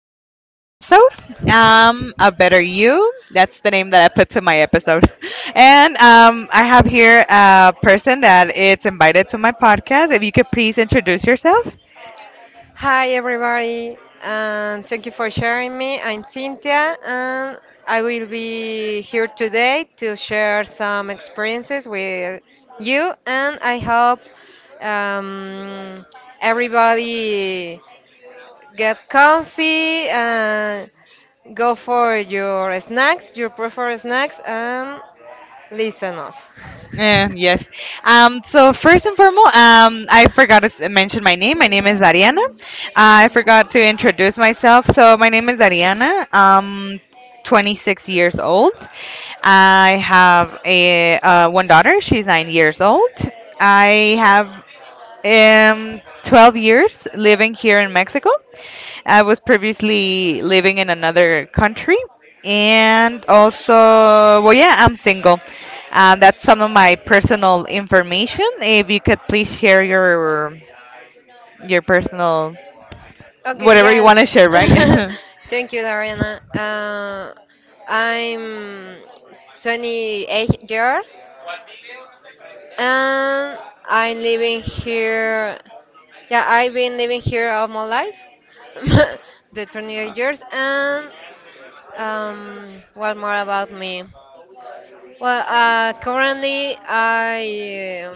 we're in another episode. A better you. That's the name that I put to my episode. And I have here a person that it's invited to my podcast. If you could please introduce yourself. Hi, everybody, and thank you for sharing me. I'm Cynthia, and I will be here today to share some experiences with you, and I hope um, everybody get comfy and go for your snacks, your preferred snacks, and listen us. Yes. So first and foremost, I forgot to mention my name. My name is Ariana. I forgot to introduce myself. So my name is Ariana. 26 years old. I have a one daughter. She's 9 years old. I have 12 years living here in Mexico. I was previously living in another country, and also, well, yeah, I'm single. That's some of my personal information. If you could please share your personal Okay, whatever you yeah. want to share, right? Thank you, Dariana. I'm 28 years and I'm living here. Yeah, I've been living here all my life, the 28 years. And what more about me? Well, currently I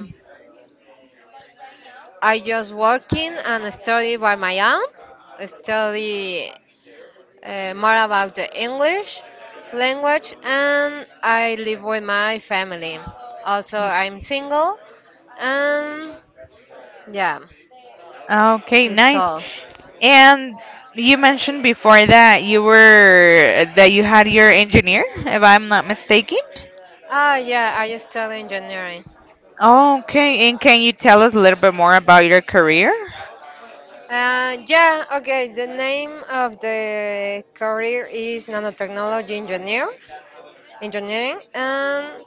I just working and study by my own, study more about the English language, and I live with my family. Also, I'm single, and yeah, Okay, it's nice. all. And you mentioned before that you were that you had your engineer, if I'm not mistaken. Ah, yeah, I study engineering. Okay, and can you tell us a little bit more about your career? Yeah, okay, the name of the career is nanotechnology engineer, engineering, and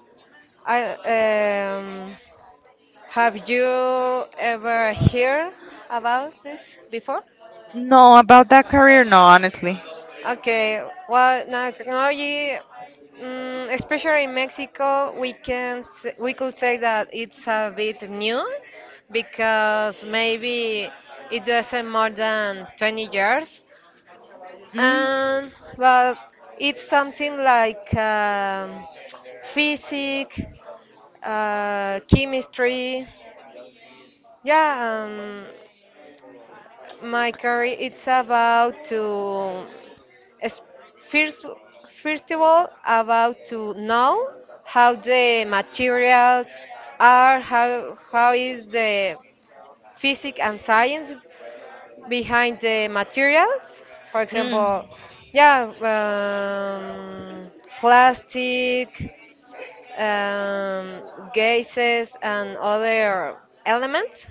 I have you ever heard about this before? No, about that career, no, honestly. Okay, well, now technology, especially in Mexico, we could say that it's a bit new because maybe it doesn't more than 20 years, Mm, and but it's something like physics, chemistry, yeah. My career it's about to es- first first of all about to know how the materials are how is the physics and science behind the materials for example mm, yeah plastic, um, gases and other elements.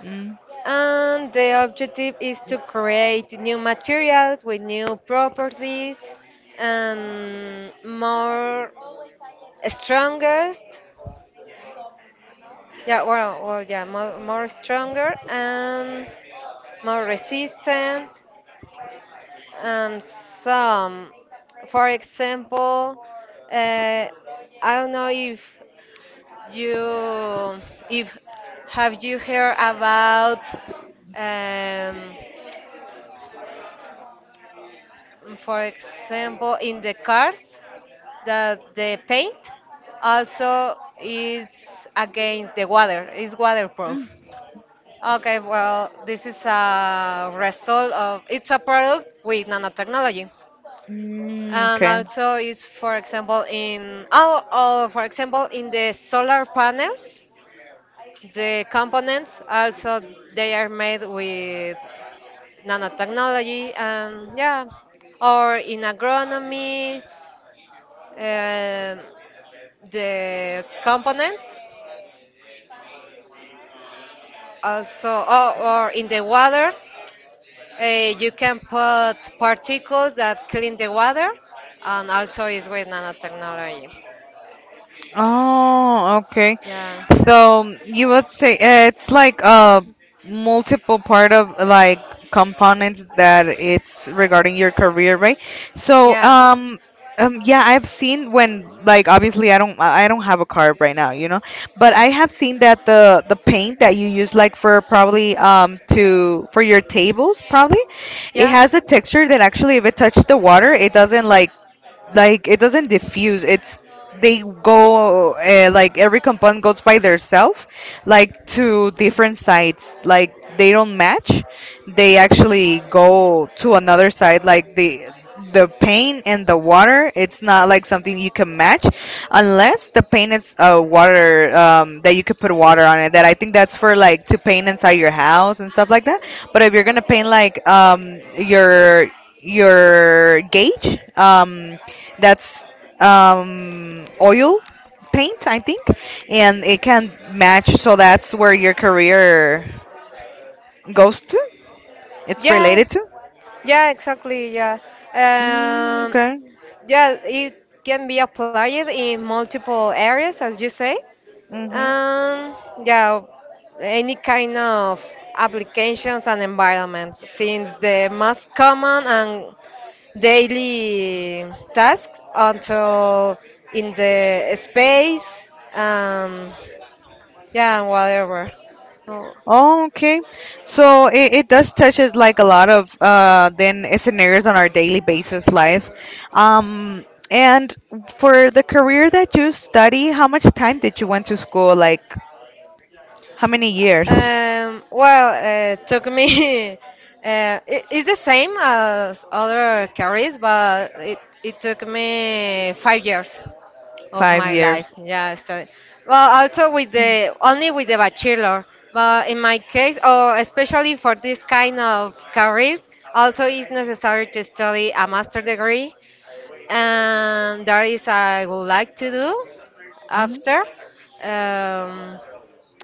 mm, And the objective is to create new materials with new properties and more strongest. Yeah, well, well yeah, more, more stronger and more resistant. And some, for example, uh, I don't know if you if have you heard about um, for example, in the cars, that the paint also is against the water, is waterproof. mm, Okay, well, this is a result of it's a product with nanotechnology. And okay. also is for example in for example in the solar panels, the components also they are made with nanotechnology and yeah, or in agronomy, um, the components also or in the water, uh, you can put particles that clean the water and also is with nanotechnology. Oh, okay. Yeah, So you would say it's like a multiple part of like components that it's regarding your career, right? So yeah, um um yeah, I've seen when like obviously I don't have a car right now, you know, but yeah, I have seen that the paint that you use like for probably to for your tables probably it yeah, has a texture that actually if it touches the water it doesn't like it doesn't diffuse. It's they go like every component goes by themselves, like to different sites, like they don't match. They actually go to another side, like the paint and the water, it's not like something you can match unless the paint is water that you could put water on it. That I think that's for like to paint inside your house and stuff like that. But if you're gonna paint like your gauge, that's oil paint, I think, and it can match. So that's where your career goes to. It's yeah, related to. yeah, exactly, yeah. Mm, um, okay. yeah, it can be applied in multiple areas as you say. Mm-hmm. Um, yeah, any kind of applications and environments, since the most common and daily tasks until in the space, um, yeah, whatever. Oh. Oh, okay. So it does touches like a lot of then scenarios on our daily basis life. Um and for the career that you study, how much time did you went to school? Like how many years? Well, took me. It's the same as other careers, it took me 5 years of Five my years. life. Yeah, so well, also with the only with the bachelor, but in my case, or especially for this kind of careers, also it's necessary to study a master degree, and that is I would like to do Mm-hmm. after. Um,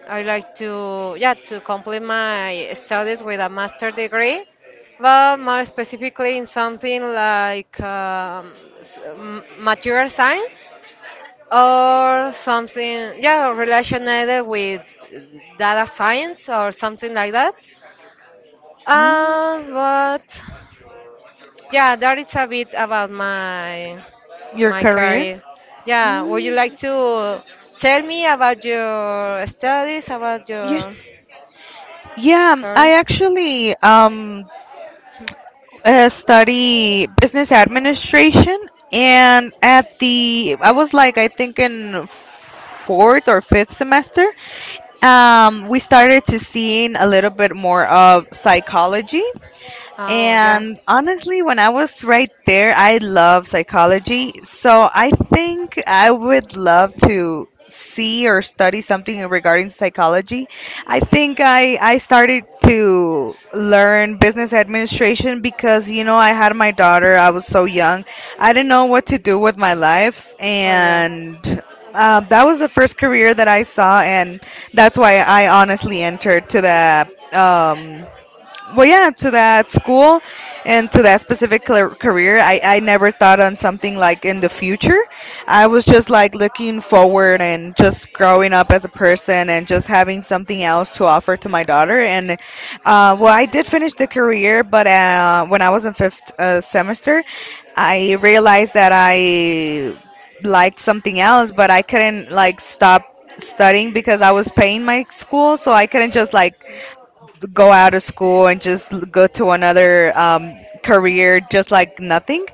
I like to, yeah, to complete my studies with a master degree, but more specifically in something like material science or something, yeah, related with data science or something like that. Mm, But yeah, that is a bit about your my career? career. Yeah, would you Mm. like to tell me about your studies, about Yeah, your yeah. Career? I actually study business administration, and at the I was like I think in fourth or fifth semester, we started to seeing a little bit more of psychology. Oh yeah. And honestly, when I was right there, I love psychology. So I think I would love to see or study something regarding psychology. I think I started to learn business administration because, you know, I had my daughter. I was so young. I didn't know what to do with my life. Oh yeah. And that was the first career that I saw. And that's why I honestly entered to that. Well yeah, to that school and to that specific career, I never thought on something like in the future. I was just like looking forward and just growing up as a person and just having something else to offer to my daughter. And well, I did finish the career, but when I was in fifth semester I realized that I liked something else, but I couldn't like stop studying because I was paying my school, so I couldn't just like go out of school and just go to another career just like nothing.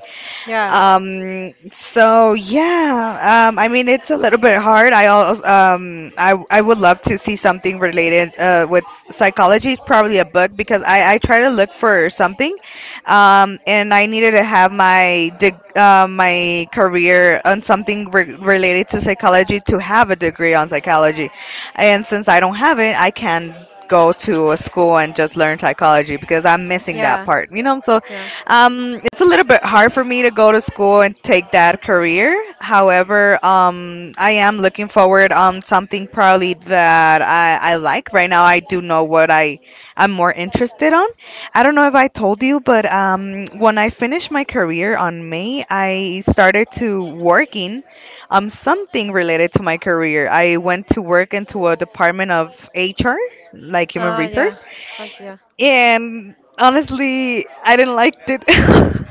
Yeah. So yeah, I mean it's a little bit hard. I also, I would love to see something related with psychology, probably a book because I try to look for something, and I needed to have my my career on something related to psychology to have a degree on psychology, and since I don't have it, I can go to a school and just learn psychology because I'm missing that Yeah. part. You know, so Yeah. It's a little bit hard for me to go to school and take that career. However, I am looking forward on something probably that I like. Right now, I do know what I'm more interested on. I don't know if I told you, but when I finished my career on May, I started to working something related to my career. I went to work into a department of HR, like human Oh resource, yeah. Okay. and honestly, I didn't like it.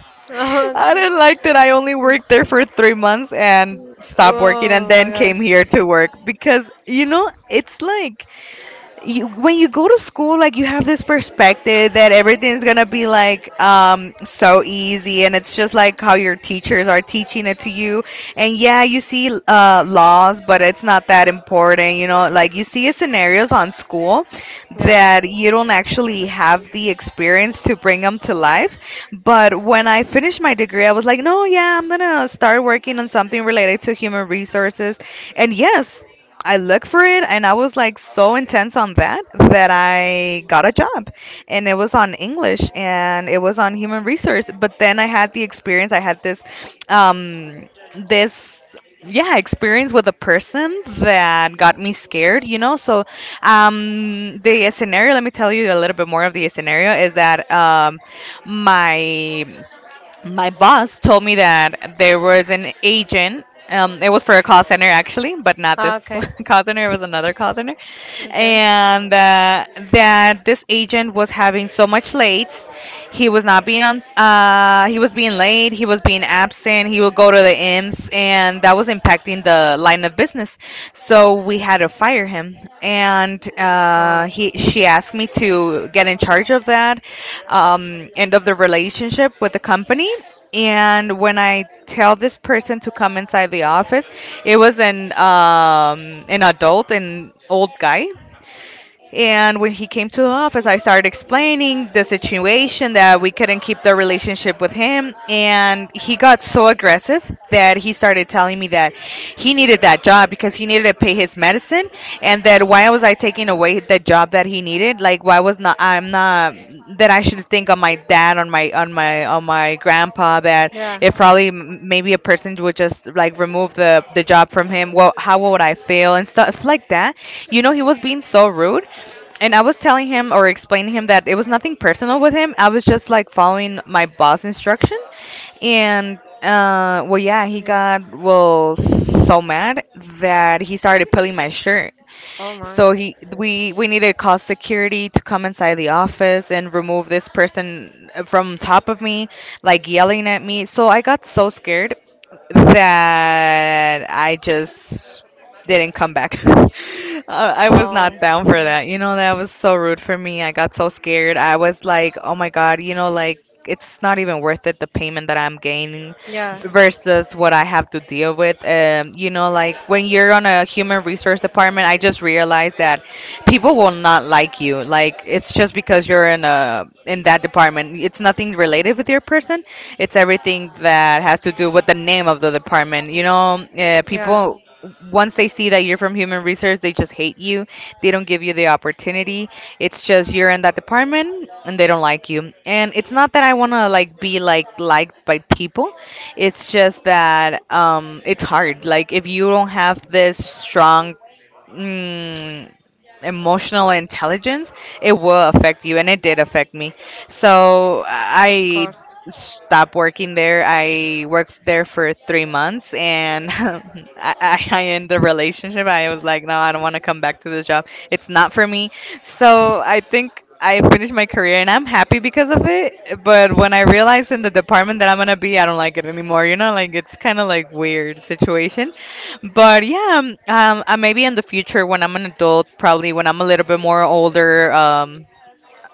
I Yeah. didn't like that I only worked there for 3 months and stopped working and Oh my then came gosh. here to work because you know it's like you when you go to school like you have this perspective that everything's gonna be like so easy and it's just like how your teachers are teaching it to you. And yeah, you see laws, but it's not that important, you know, like you see scenarios on school Yeah. that you don't actually have the experience to bring them to life. But when I finished my degree, I was like, no, yeah, I'm gonna start working on something related to human resources. And yes, I looked for it and I was like so intense on that that I got a job. And it was on English and it was on human resource. But then I had the experience, I had this, um, this. Yeah, experience with a person that got me scared, you know. So, the scenario, let me tell you a little bit more of the scenario is that, my my boss told me that there was an agent. It was for a call center actually, but not Ah, this okay. call center. It was another call center, Okay. and that this agent was having so much lates, he was not being on. He was being late, he was being absent, he would go to the IMS, and that was impacting the line of business. So we had to fire him. And Oh. She asked me to get in charge of that, um, end of the relationship with the company. And when I tell this person to come inside the office, it was um, an adult, an old guy, and when he came to the office, I started explaining the situation that we couldn't keep the relationship with him. And he got so aggressive that he started telling me that he needed that job because he needed to pay his medicine. And that why was I taking away the job that he needed? Like, why was not that I should think on my dad, on my grandpa. That Yeah. it probably maybe a person would just like remove the job from him. Well, how would I feel and stuff like that? You know, he was being so rude and I was telling him or explaining him that it was nothing personal with him. I was just like following my boss instruction. And yeah, he Yeah. got well so mad that he started pulling my shirt. Oh my. So he we needed to call security to come inside the office and remove this person from top of me, like yelling at me. So I got so scared that I just didn't come back. I was not Oh. down for Mm. that. You know, that was so rude for me. I got so scared. I was like, oh my God, you know, like it's not even worth it the payment that I'm gaining Yeah. versus what I have to deal with. You know, like when you're on a human resource department, I just realized that people will not like you. Like it's just because you're in a in that department. It's nothing related with your person, it's everything that has to do with the name of the department. You know, Yeah. people once they see that you're from human resource, they just hate you. They don't give you the opportunity. It's just you're in that department and they don't like you. And it's not that I want to like be like liked by people. It's just that it's hard. Like if you don't have this strong mm, emotional intelligence, it will affect you, and it did affect me. So Of I course. stopped working there. I worked there for 3 months, and I ended the relationship. I was like, no, I don't want to come back to this job. It's not for me. So I think. I finished my career and I'm happy because of it. But when I realized in the department that I'm gonna be, I don't like it anymore. You know, like it's kind of like weird situation. But yeah, maybe in the future when I'm an adult, probably when I'm a little bit more older, um,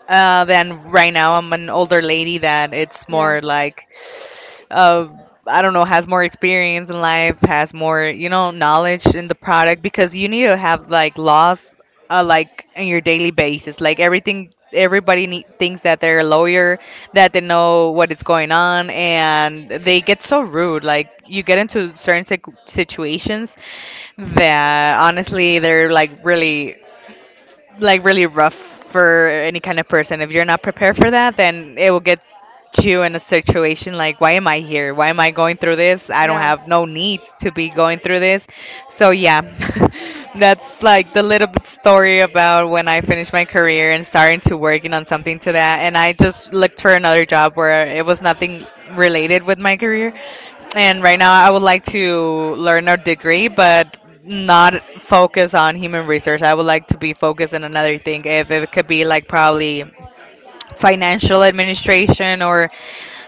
uh, than right now, I'm an older lady that it's Yeah. more like, uh, I don't know, has more experience in life, has more, you know, knowledge in the product because you need to have like laws, like in your daily basis, like everything. Everybody need, thinks that they're a lawyer, that they know what is going on, and they get so rude. Like you get into certain situations, yeah, honestly, they're like really rough for any kind of person. If you're not prepared for that, then it will get you in a situation like, why am I here? Why am I going through this? I don't Yeah. have no needs to be going through this. So yeah, that's like the little bit story about when I finished my career and starting to working on something to that. And I just looked for another job where it was nothing related with my career, Mm. and right now, I would like to learn a degree, but not focus on human resource. I would like to be focused on another thing. If it could be like probably financial administration or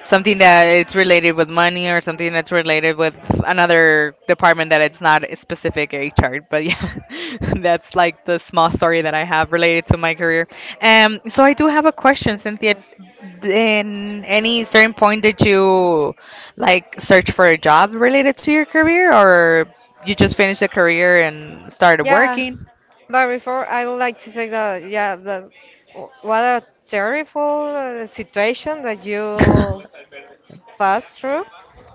something that it's related with money or something that's related with another department that it's not a specific HR. But yeah, that's like the small story that I have related to my career. So I do have a question, Cynthia, Okay. in any Well, certain point did you like search for a job related to your career, or you just finished a career and started yeah, working? but before I would like to say that yeah, that what a terrible situation that you passed through.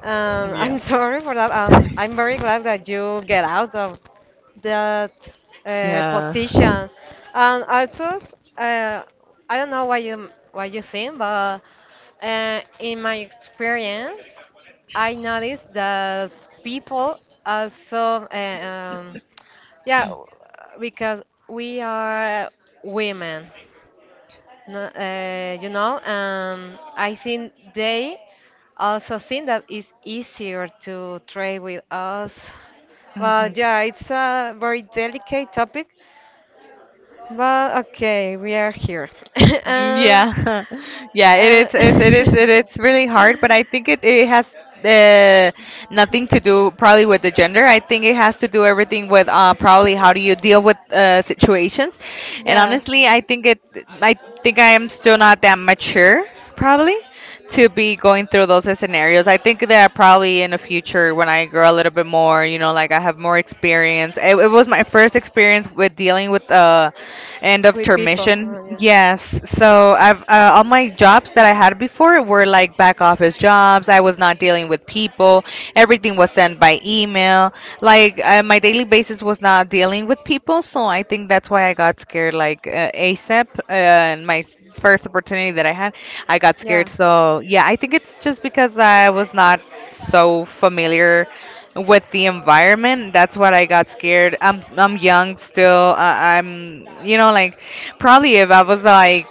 I'm Yeah. sorry for that. I'm very glad that you get out of that Yeah. position. And also, I don't know what you think, but in my experience, I noticed that people also, uh, um, yeah, because we are women, you know, and I think they also think that it's easier to trade with us. Well, yeah, it's a very delicate topic. But okay, we are here. Mm. Yeah, yeah, it And is, it, it is, it is really hard, but I think it has uh, nothing to do probably with the gender. I think it has to do everything with probably how do you deal with situations. And yeah, honestly, I think I am still not that mature probably to be going through those scenarios. I think that probably in the future when I grow a little bit more, you know, like I have more experience. It was my first experience with dealing with end of we people. termission. Oh, yeah. Yes. So I've all my jobs that I had before were like back office jobs. I was not dealing with people. Everything was sent by email. Like my daily basis was not dealing with people. So I think that's why I got scared. Like ASAP, and my first opportunity that I had, I got scared. Yeah. So yeah, I think it's just because I was not so familiar with the environment. That's what I got scared. I'm young still. I'm you know like probably if I was like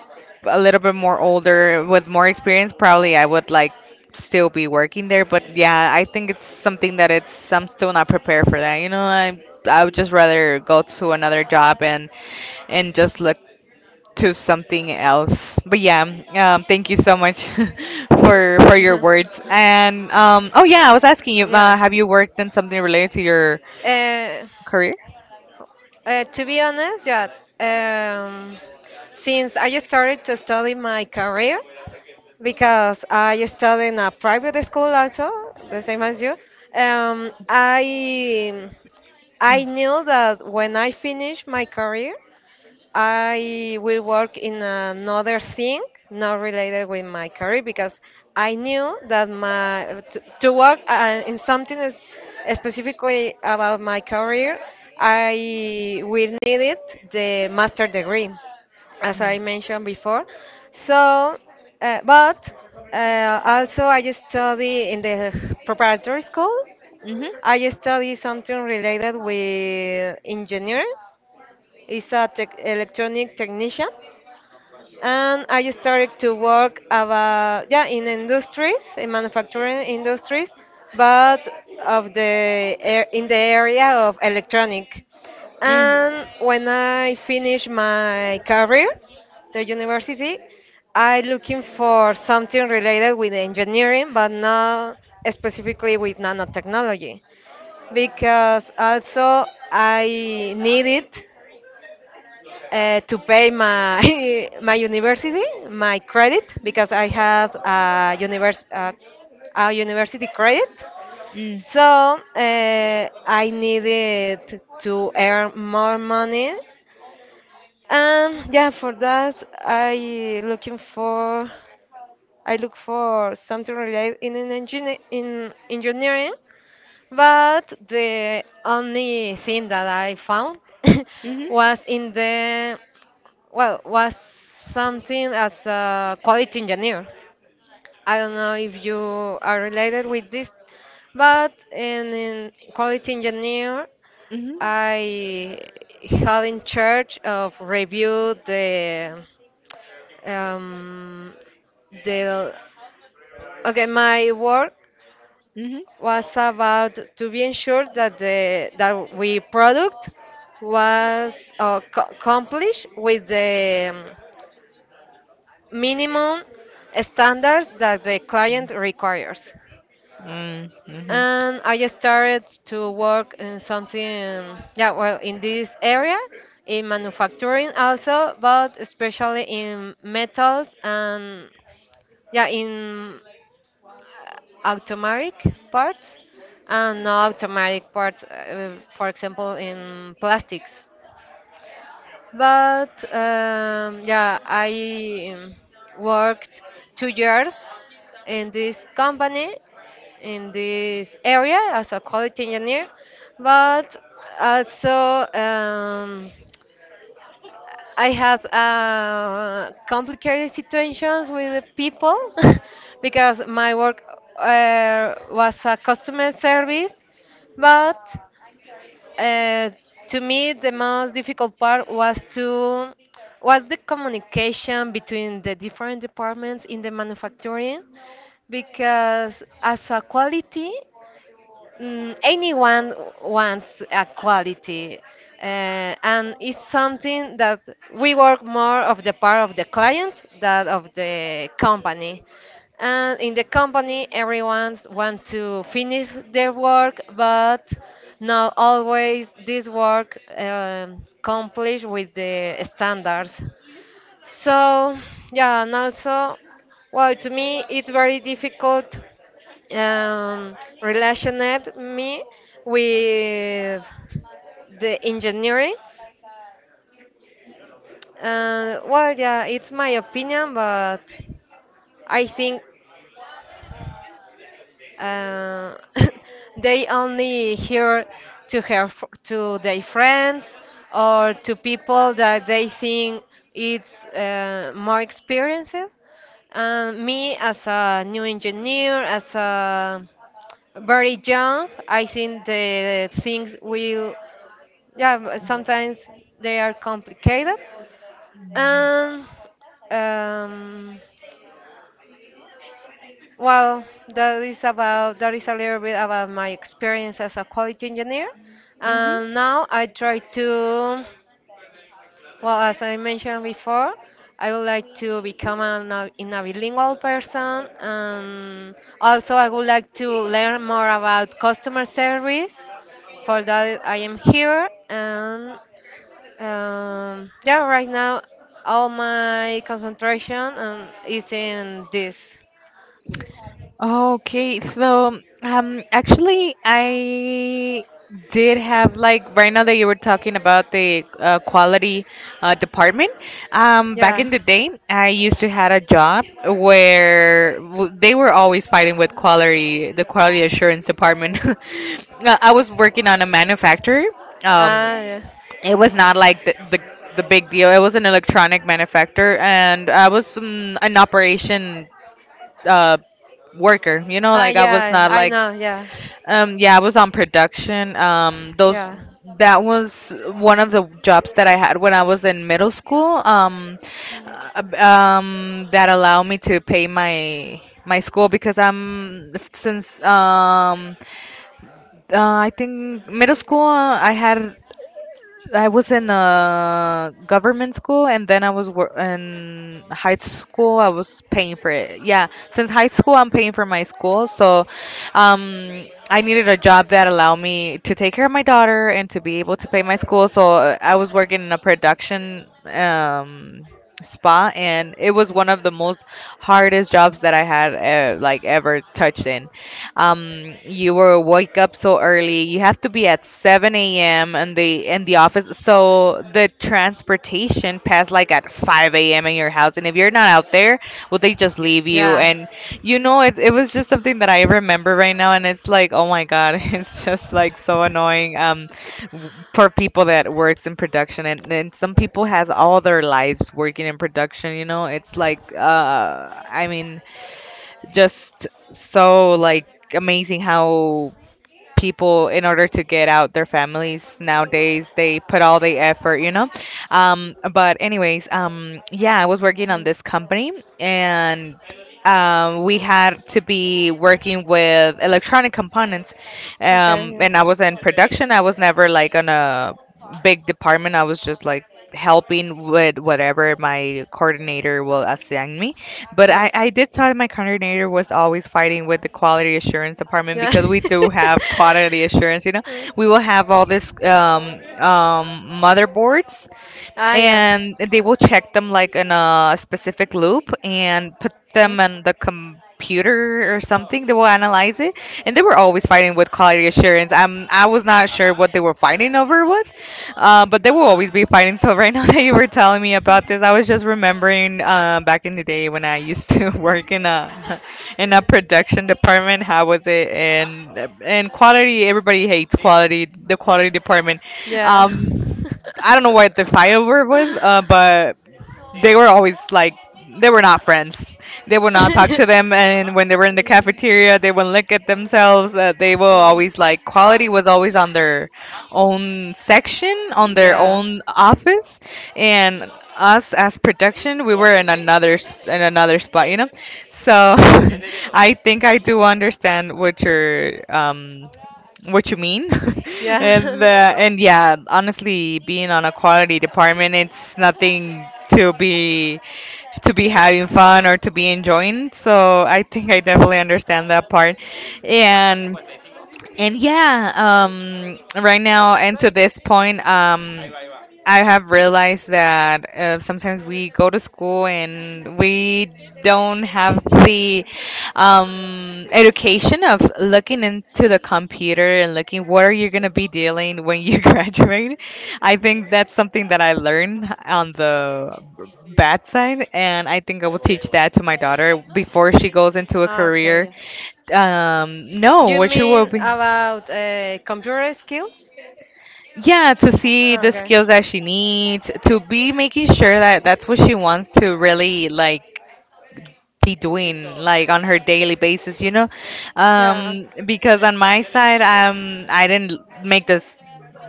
a little bit more older with more experience probably I would like still be working there. But yeah, I think it's something that it's I'm still not prepared for that, you know. I would just rather go to another job and just look to something else. But yeah, thank you so much for your words. And oh yeah, Uh, I was asking you, yeah. Have you worked in something related to your Uh, career? To be honest, yeah. Um, since I started to study my career, because I studied in a private school also, the same as you, um, I I knew that when I finish my career, I will work in another thing not related with my career because I knew that my to work in something is specifically about my career, I will need it the master degree, as I mentioned before. So, but also I study in the preparatory school, Mm-hmm. I study something related with engineering. It's a tech, electronic technician, and I started to work about yeah in industries, in manufacturing industries, but in the area of electronic. Mm-hmm. Mm-hmm. And when I finish my career, the university, I looking for something related with engineering, but not specifically with nanotechnology because also I needed to pay my my university, my credit, because I have a a university credit. So I needed to earn more money, and yeah, for that I look for something related in an engine in engineering. But the only thing that I found was well, was something as a quality engineer. I don't know if you are related with this, but in quality engineer, Mm-hmm. I had in charge of review the um, the okay my work was about to be ensured that the that we product was accomplished with the minimum standards that the client requires. Mm-hmm. And I just started to work in something, yeah, well, in this area, in manufacturing also, but especially in metals and yeah, in automatic parts and non automatic parts, for example, in plastics. But yeah, I worked 2 years in this company, in this area as a quality engineer, but also I have complicated situations with the people because my work was a customer service, but uh, to me the most difficult part was the communication between the different departments in the manufacturing because as a quality anyone wants a quality, and it's something that we work more of the part of the client than of the company. And in the company, everyone want to finish their work, but not always this work completes with the standards. So, yeah, and also, well, to me, it's very difficult um, relationate me with the engineering. Well, yeah, it's my opinion, but I think Uh, they only hear to to their friends or to people that they think it's more experienced. And me as a new engineer, as a very young, I think the things will yeah but sometimes they are complicated. And um, Well, that is about that is a little bit about my experience as a quality engineer. Mm-hmm. And now I try to, well, as I mentioned before, I would like to become in a bilingual person, and also I would like to learn more about customer service. For that, I am here, and yeah, right now all my concentration is in this. Okay, so actually, I did have like right now that you were talking about the quality department. Back Yeah. in the day, I used to had a job where they were always fighting with quality, the quality assurance department. I was working on a manufacturer. Um, Ah, yeah. it was not like the big deal. It was an electronic manufacturer, and I was an operation. Uh worker. You know, Ah, like I was yeah. not I like know. Yeah. Yeah, I was on production. Those, Yeah. that was one of the jobs that I had when I was in middle school. Mm, cool. That allowed me to pay my school because I'm since I think middle school I had I was in a government school, and then I was in high school. I was paying for it. Yeah, since high school, I'm paying for my school. So, I needed a job that allowed me to take care of my daughter and to be able to pay my school. So I was working in a production spot, and it was one of the most hardest jobs that I had like ever touched in. You were wake up so early, you have to be at 7 a.m. In the office, so the transportation passed like at 5 a.m. in your house, and if you're not out there, will they just leave you. Yeah. And you know, it was just something that I remember right now, and it's like, oh my god, it's just like so annoying. For people that works in production, and some people has all their lives working in production, you know, it's like I mean just so like amazing how people, in order to get out their families nowadays, they put all the effort, you know. But anyways, yeah, I was working on Mm. this company, and we had to be working with electronic components, Okay. Yeah. and I was in production. I was never like on a big department. I was just like helping with whatever my coordinator will assign me, but Yeah. I did tell my coordinator was always fighting with the quality assurance department Yeah. because we do have quality assurance. You know, Uh, we will have all this motherboards, yeah. and they will check them like in a specific loop and put Yeah. them on the computer or something. They will analyze it, and they were always fighting with quality assurance. I was not sure what they were fighting over with, but they will always be fighting. So right now that you were telling me about this, I was just remembering back in the day when I used to work in a production department. How was it? And quality, everybody hates quality. The quality department. Yeah. Um, I don't know what the fight over was, but they were always like they were not friends. They would not talk to them, and when they were in the Mm, cafeteria, they would look at themselves. They will mm. always like quality was always on their own section, on their Yeah. own office, and us as production, we were in in another spot, you know. So I think I do understand what you're what you mean, Yeah. And yeah, honestly, being on a quality department, it's nothing to be to be having fun or to be enjoying, so I think I definitely understand that part. And and yeah, right now and to this point, I have realized that sometimes we go to school and we don't have the education of looking into the computer and looking what are you going to be dealing when you graduate. I think that's something that I learned on the bad side, and I think I will teach that to my daughter before she goes into a Ah, okay, career. yeah. No, You what she will mean be. about computer skills? Yeah, to see Ah, the okay. skills that she needs to be making sure that that's what she wants to really like be doing like on her daily basis, you know. Yeah. Okay. Because on my side, I didn't make this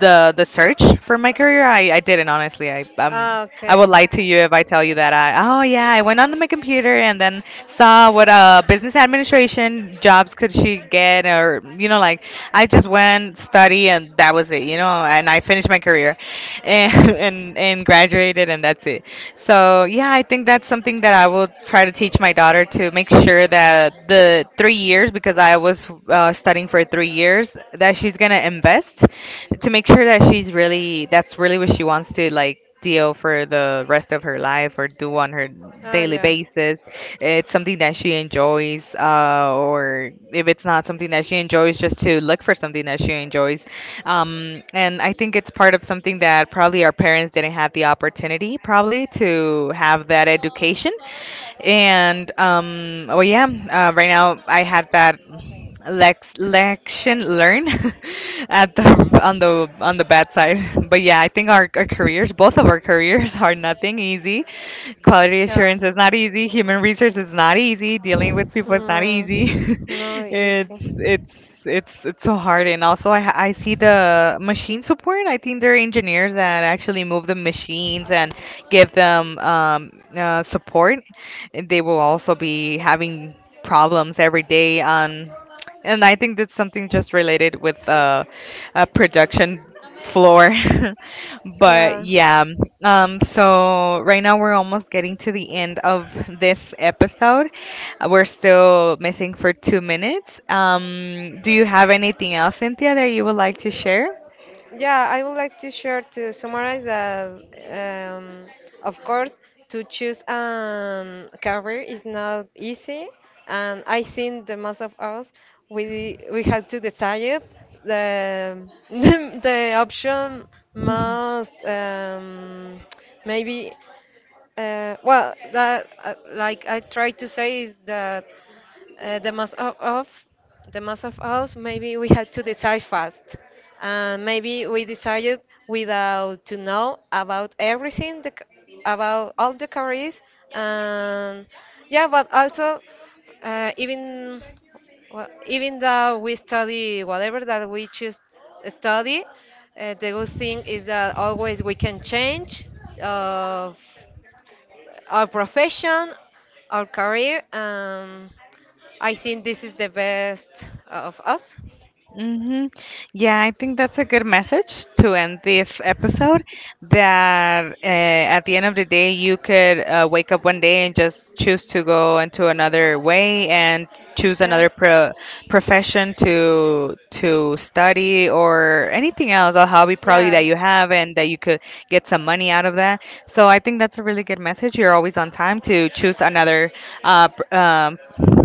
the search for my career. I didn't, honestly. Ah, I would okay. lie to you if I tell you that I, oh yeah, I went onto my computer and then saw what business administration jobs could she get or, you know, like I just went study, and that was it, you know, and I finished my career and, and graduated, and that's it. So yeah, I think that's something that I will try to teach my daughter to make sure that the 3 years, because I was studying for 3 years, that she's gonna invest to make sure that she's really, that's really what she wants to like deal for the rest of her life or do on her Oh, daily yeah. basis. It's something that she enjoys, or if it's not something that she enjoys, just to look for something that she enjoys. And I think it's part of something that probably our parents didn't have the opportunity, probably, to have that education. And oh yeah, right now I had that lex lection learn at the on the bad side. But yeah, I think our careers, both of our careers, are nothing easy. Quality Yeah. assurance is not easy. Human resource is not easy. Dealing with people is not easy. Mm, no, it's easy. it's it's it's so hard. And also, I see the machine support. I think they're engineers that actually move the machines and give them support. And they will also be having problems every day on. And I think that's something just related with a production floor. But Yeah. yeah, so right now we're almost getting to the end of this episode. We're still missing for 2 minutes. Do you have anything else, Cynthia, that you would like to share? Yeah, I would like to share to summarize that, um, of course, to choose a career is not easy, and I think the most of us we have to decide it. The the option most maybe well, that like I try to say is that the mass of the mass of us maybe we had to decide fast, and maybe we decided without to know about everything about all the careers, and yeah, but also even well, even though we study whatever that we choose study, the good thing is that always we can change. Uh, our profession, our career, and I think this is the best of us. Mm-hmm. Yeah, I think that's a good message to end this episode. That at the end of the day, you could wake up one day and just choose to go into another way and choose Yeah, profession to study or anything else, a hobby probably yeah. that you have and that you could get some money out of that. So I think that's a really good message. You're always on time to choose another uh, pr- um,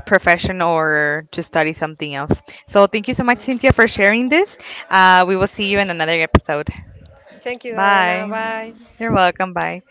profession or to study something else. So thank you so Yeah. much, Cynthia, for sharing this. We will see you in another episode. Thank you, Doriana. Bye. Bye. You're welcome. Bye.